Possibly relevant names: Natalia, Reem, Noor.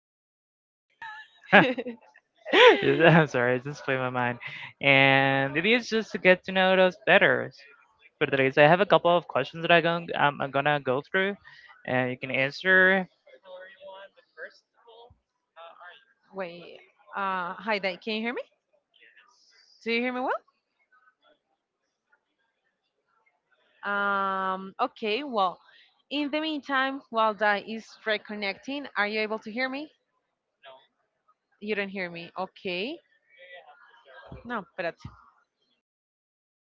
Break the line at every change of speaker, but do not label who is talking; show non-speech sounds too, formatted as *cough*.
Natalia. *laughs*
*laughs*
I'm sorry, it just flew my mind. And it is just to get to know those better. For today. So I have a couple of questions that I'm gonna
Wait. Hi, Dai. Can you hear me? Do you hear me well? Okay. Well, in the meantime, while Dai is reconnecting, are you able to hear me? You don't hear me. Okay. No, but.